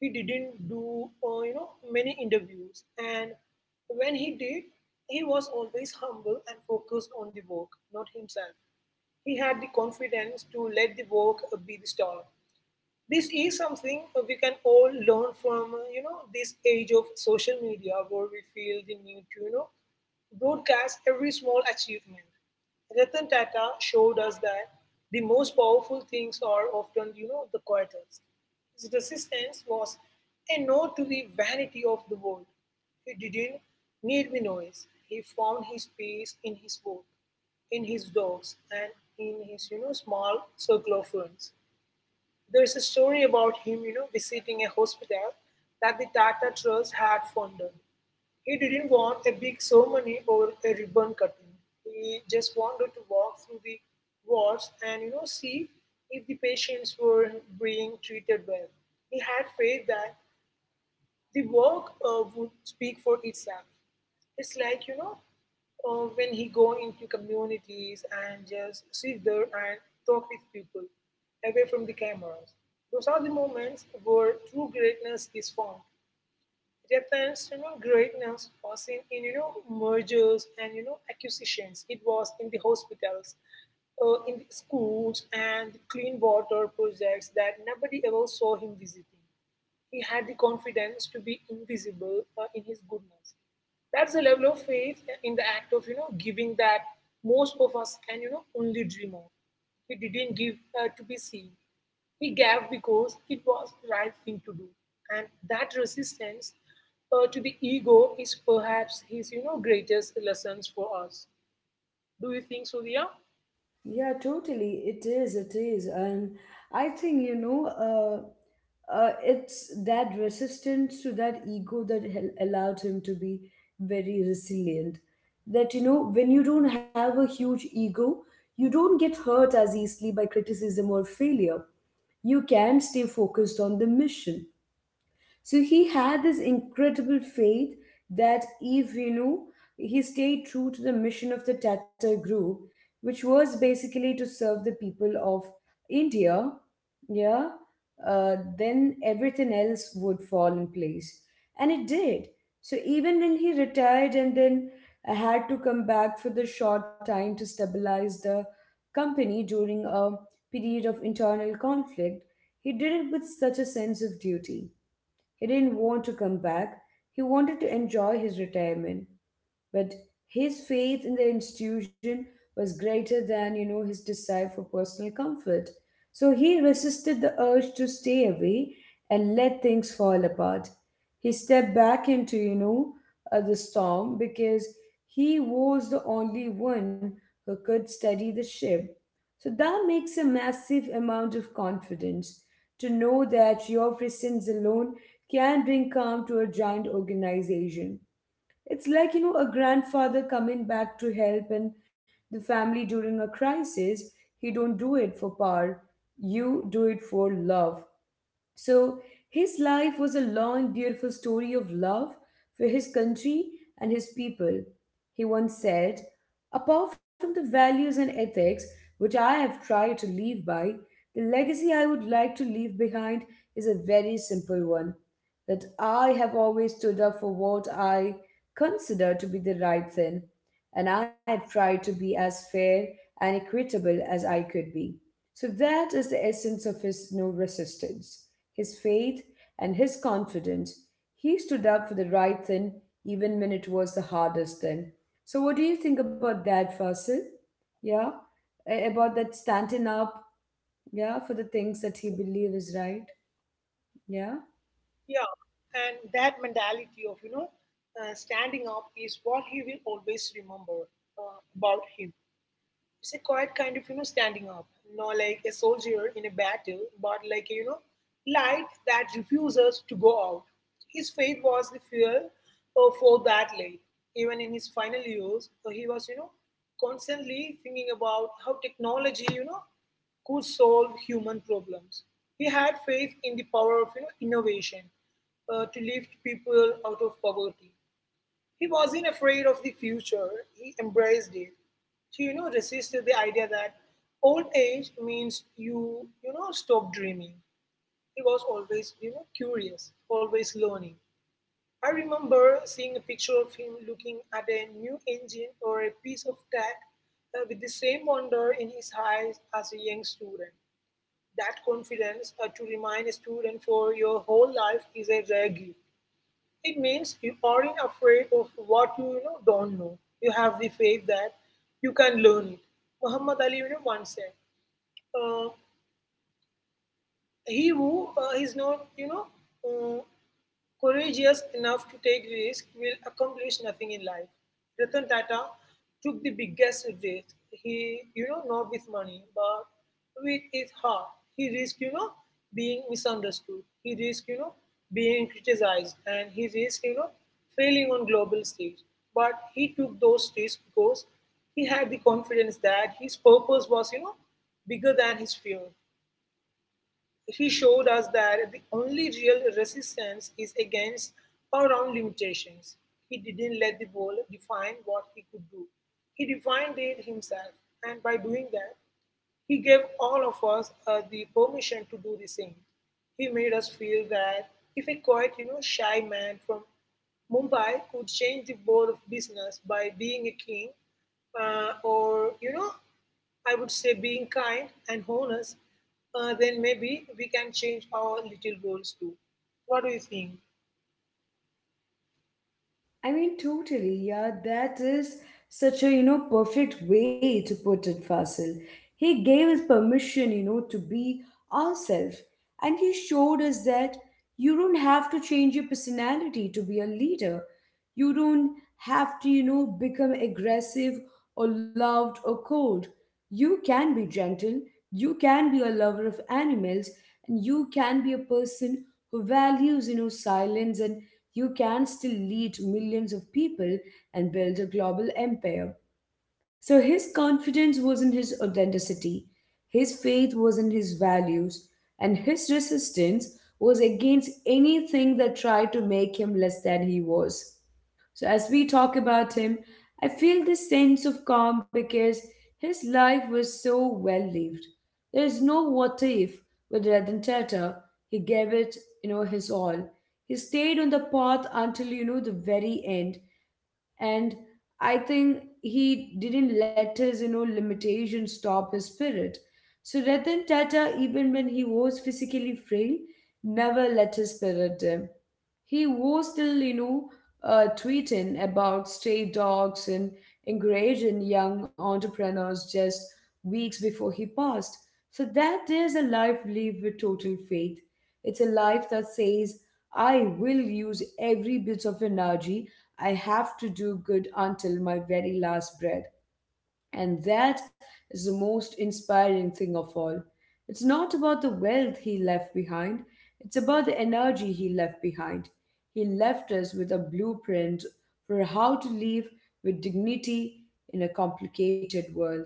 Speaker 2: He didn't do, many interviews. And when he did, he was always humble and focused on the work, not himself. He had the confidence to let the work be the star. This is something we can all learn from, this age of social media where we feel the need to, broadcast every small achievement. Ratan Tata showed us that the most powerful things are often, the quietest. His resistance was a no to the vanity of the world. He didn't need the noise. He found his peace in his work, in his dogs, and in his, small circle of friends. There's a story about him, visiting a hospital that the Tata Trust had funded. He didn't want a big ceremony or a ribbon cutting. He just wanted to walk through the wards and, see if the patients were being treated well. He had faith that the work would speak for itself. It's like, when he go into communities and just sit there and talk with people away from the cameras. Those are the moments where true greatness is found. Reference greatness was in mergers and acquisitions. It was in the hospitals in the schools and the clean water projects that nobody ever saw him visiting. He had the confidence to be invisible in his goodness. That's the level of faith in the act of, giving that most of us can, only dream of. He didn't give to be seen. He gave because it was the right thing to do. And that resistance to the ego is perhaps his, greatest lessons for us. Do you think so, Dia?
Speaker 1: Yeah, totally. It is. It is. And I think, it's that resistance to that ego that allowed him to be very resilient. That, you know, when you don't have a huge ego, you don't get hurt as easily by criticism or failure. You can stay focused on the mission. So he had this incredible faith that if you know he stayed true to the mission of the Tata group, which was basically to serve the people of India, yeah, then everything else would fall in place. And it did. So even when he retired and then had to come back for the short time to stabilize the company during a period of internal conflict, he did it with such a sense of duty. He didn't want to come back, he wanted to enjoy his retirement. But his faith in the institution was greater than, you know, his desire for personal comfort. So he resisted the urge to stay away and let things fall apart. He stepped back into, the storm because he was the only one who could steady the ship. So that makes a massive amount of confidence to know that your presence alone can bring calm to a giant organization. It's like, you know, a grandfather coming back to help and the family during a crisis. He don't do it for power. You do it for love. So his life was a long, beautiful story of love for his country and his people. He once said, "Apart from the values and ethics which I have tried to live by, the legacy I would like to leave behind is a very simple one, that I have always stood up for what I consider to be the right thing, and I have tried to be as fair and equitable as I could be." So that is the essence of his no resistance, his faith, and his confidence. He stood up for the right thing even when it was the hardest thing. So, what do you think about that, Fasil? Yeah, about that standing up, yeah, for the things that he believes is right. Yeah.
Speaker 2: Yeah, and that mentality of, standing up is what he will always remember about him. It's a quiet kind of standing up, not like a soldier in a battle, but like light that refuses to go out. His faith was the fuel for that light. Even in his final years, he was constantly thinking about how technology could solve human problems. He had faith in the power of innovation to lift people out of poverty. He wasn't afraid of the future, he embraced it. He, resisted the idea that old age means you, stop dreaming. He was always, curious, always learning. I remember seeing a picture of him looking at a new engine or a piece of tech with the same wonder in his eyes as a young student. That confidence to remain a student for your whole life is a rare gift. It means you aren't afraid of what you, don't know. You have the faith that you can learn it. Muhammad Ali, once said, uh, "He who is not, uh, courageous enough to take risk will accomplish nothing in life." Ratan Tata took the biggest risk. He, not with money, but with his heart. He risked, being misunderstood. He risked, being criticized, and he risked, failing on global stage. But he took those risks because he had the confidence that his purpose was, bigger than his fear. He showed us that the only real resistance is against our own limitations. He didn't let the ball define what he could do, he defined it himself, and by doing that, he gave all of us the permission to do the same. He made us feel that if a quiet, shy man from Mumbai could change the world of business by being a king, or, I would say, being kind and honest, then maybe we can change our little worlds too. What do you think?
Speaker 1: I mean, totally. Yeah, that is such a, you know, perfect way to put it, Fasil. He gave us permission, you know, to be ourselves. And he showed us that you don't have to change your personality to be a leader. You don't have to, you know, become aggressive or loved or cold. You can be gentle. You can be a lover of animals. And you can be a person who values, you know, silence, and you can still lead millions of people and build a global empire. So his confidence was in his authenticity, his faith was in his values, and his resistance was against anything that tried to make him less than he was. So, as we talk about him, I feel this sense of calm because his life was so well lived. There is no what if with Ratan Tata. He gave it, you know, his all. He stayed on the path until, you know, the very end. And I think he didn't let his, you know, limitations stop his spirit. So Ratan Tata, even when he was physically frail, never let his spirit dim. He was still, tweeting about stray dogs and encouraging young entrepreneurs just weeks before he passed. So that is a life lived with total faith. It's a life that says, I will use every bit of energy I have to do good until my very last breath. And that is the most inspiring thing of all. It's not about the wealth he left behind, it's about the energy he left behind. He left us with a blueprint for how to live with dignity in a complicated world.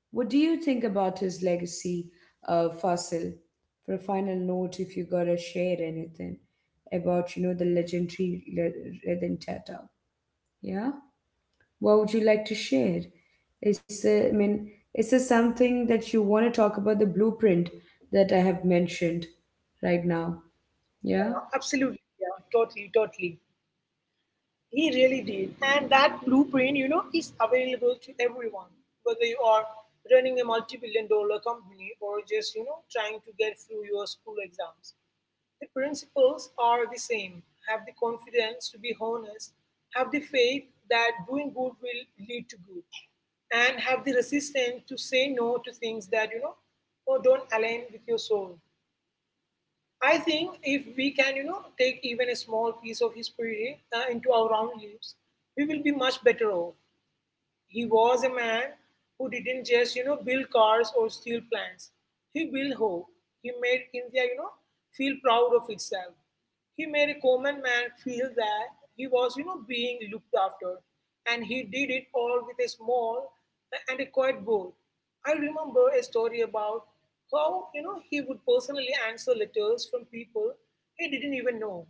Speaker 1: What do you think about his legacy, Fasil? For a final note, if you gotta share anything about, you know, the legendary Redentata, yeah? What would you like to share? Is there, I mean, is there something that you want to talk about the blueprint that I have mentioned right now? Yeah.
Speaker 2: Absolutely, yeah, totally, totally. He really did. And that blueprint, is available to everyone, whether you are running a multi-billion dollar company or just, trying to get through your school exams. The principles are the same. Have the confidence to be honest, have the faith that doing good will lead to good, and have the resistance to say no to things that, or don't align with your soul. I think if we can, take even a small piece of history into our own lives, we will be much better off. He was a man who didn't just, build cars or steel plants. He built hope. He made India, feel proud of itself. He made a common man feel that he was, being looked after. And he did it all with a small and a quiet goal. I remember a story about how, he would personally answer letters from people he didn't even know.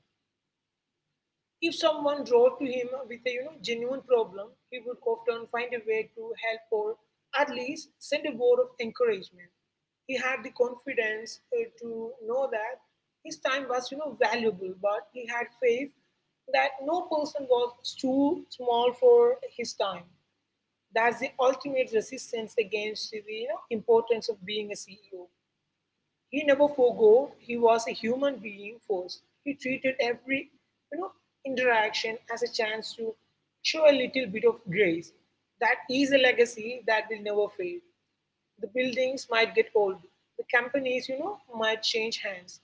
Speaker 2: If someone wrote to him with a genuine problem, he would often find a way to help or at least send a word of encouragement. He had the confidence to know that his time was valuable, but he had faith that no person was too small for his time. That's the ultimate resistance against the importance of being a CEO. He never forego. He was a human being first. He treated every you know interaction as a chance to show a little bit of grace. That is a legacy that will never fade. The buildings might get old, the companies, might change hands.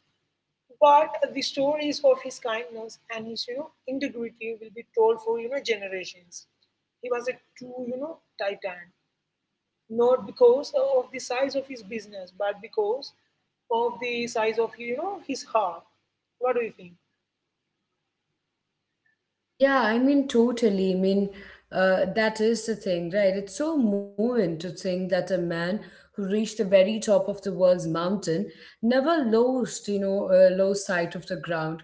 Speaker 2: But the stories of his kindness and his, integrity will be told for, generations. He was a true, titan not because of the size of his business, but because of the size of his heart. What do you think?
Speaker 1: Yeah, I mean, totally. I mean, that is the thing, right? It's so moving to think that a man who reached the very top of the world's mountain never lost sight of the ground.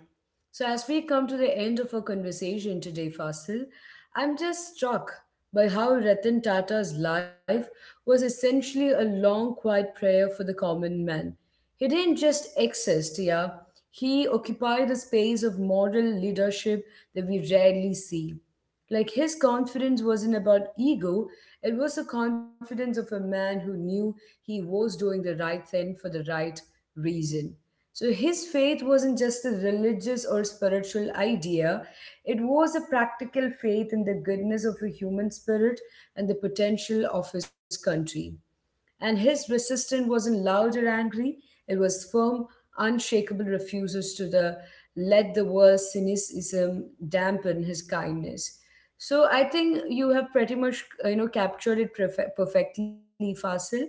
Speaker 1: So, as we come to the end of our conversation today, Fasil, I'm just struck by how Ratan Tata's life was essentially a long, quiet prayer for the common man. He didn't just exist, yeah. He occupied a space of moral leadership that we rarely see. Like his confidence wasn't about ego, it was the confidence of a man who knew he was doing the right thing for the right reason. So his faith wasn't just a religious or spiritual idea, it was a practical faith in the goodness of a human spirit and the potential of his country, and his resistance wasn't loud or angry. It was firm, unshakable refusals to the let the world's cynicism dampen his kindness. So I think you have pretty much you know, captured it perfectly, Fasil.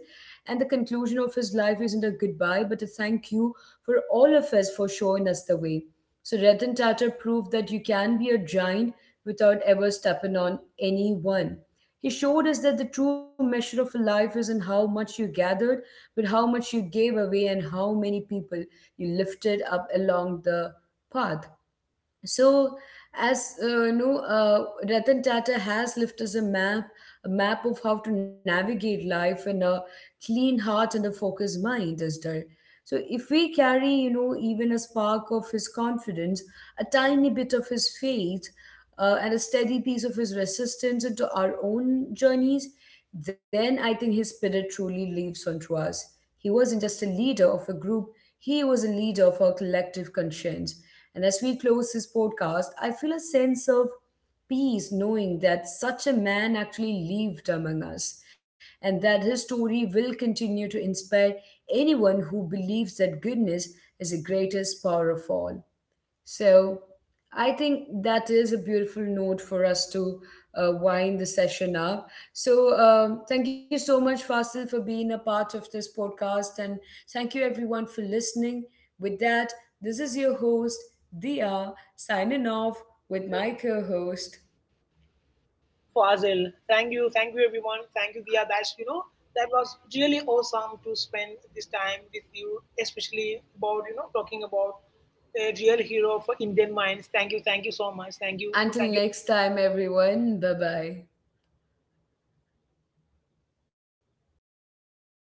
Speaker 1: And the conclusion of his life isn't a goodbye, but a thank you for all of us for showing us the way. So Ratan Tata proved that you can be a giant without ever stepping on anyone. He showed us that the true measure of a life isn't how much you gathered, but how much you gave away and how many people you lifted up along the path. So, as you know, Ratan Tata has left us a map of how to navigate life in a clean heart and a focused mind, is there? So, if we carry, you know, even a spark of his confidence, a tiny bit of his faith, and a steady piece of his resistance into our own journeys, then I think his spirit truly lives on to us. He wasn't just a leader of a group, he was a leader of our collective conscience. And as we close this podcast, I feel a sense of peace knowing that such a man actually lived among us, and that his story will continue to inspire anyone who believes that goodness is the greatest power of all. So I think that is a beautiful note for us to wind the session up. So thank you so much, Fasil, for being a part of this podcast. And thank you, everyone, for listening. With that, this is your host, Dia, signing off
Speaker 2: No,
Speaker 1: with my co host.
Speaker 2: Fazil, thank you everyone, thank you Dia. That's you know That was really awesome to spend this time with you, especially about talking about a real hero for Indian minds. Thank you so much,
Speaker 1: Until
Speaker 2: thank you
Speaker 1: next time, everyone. Bye bye.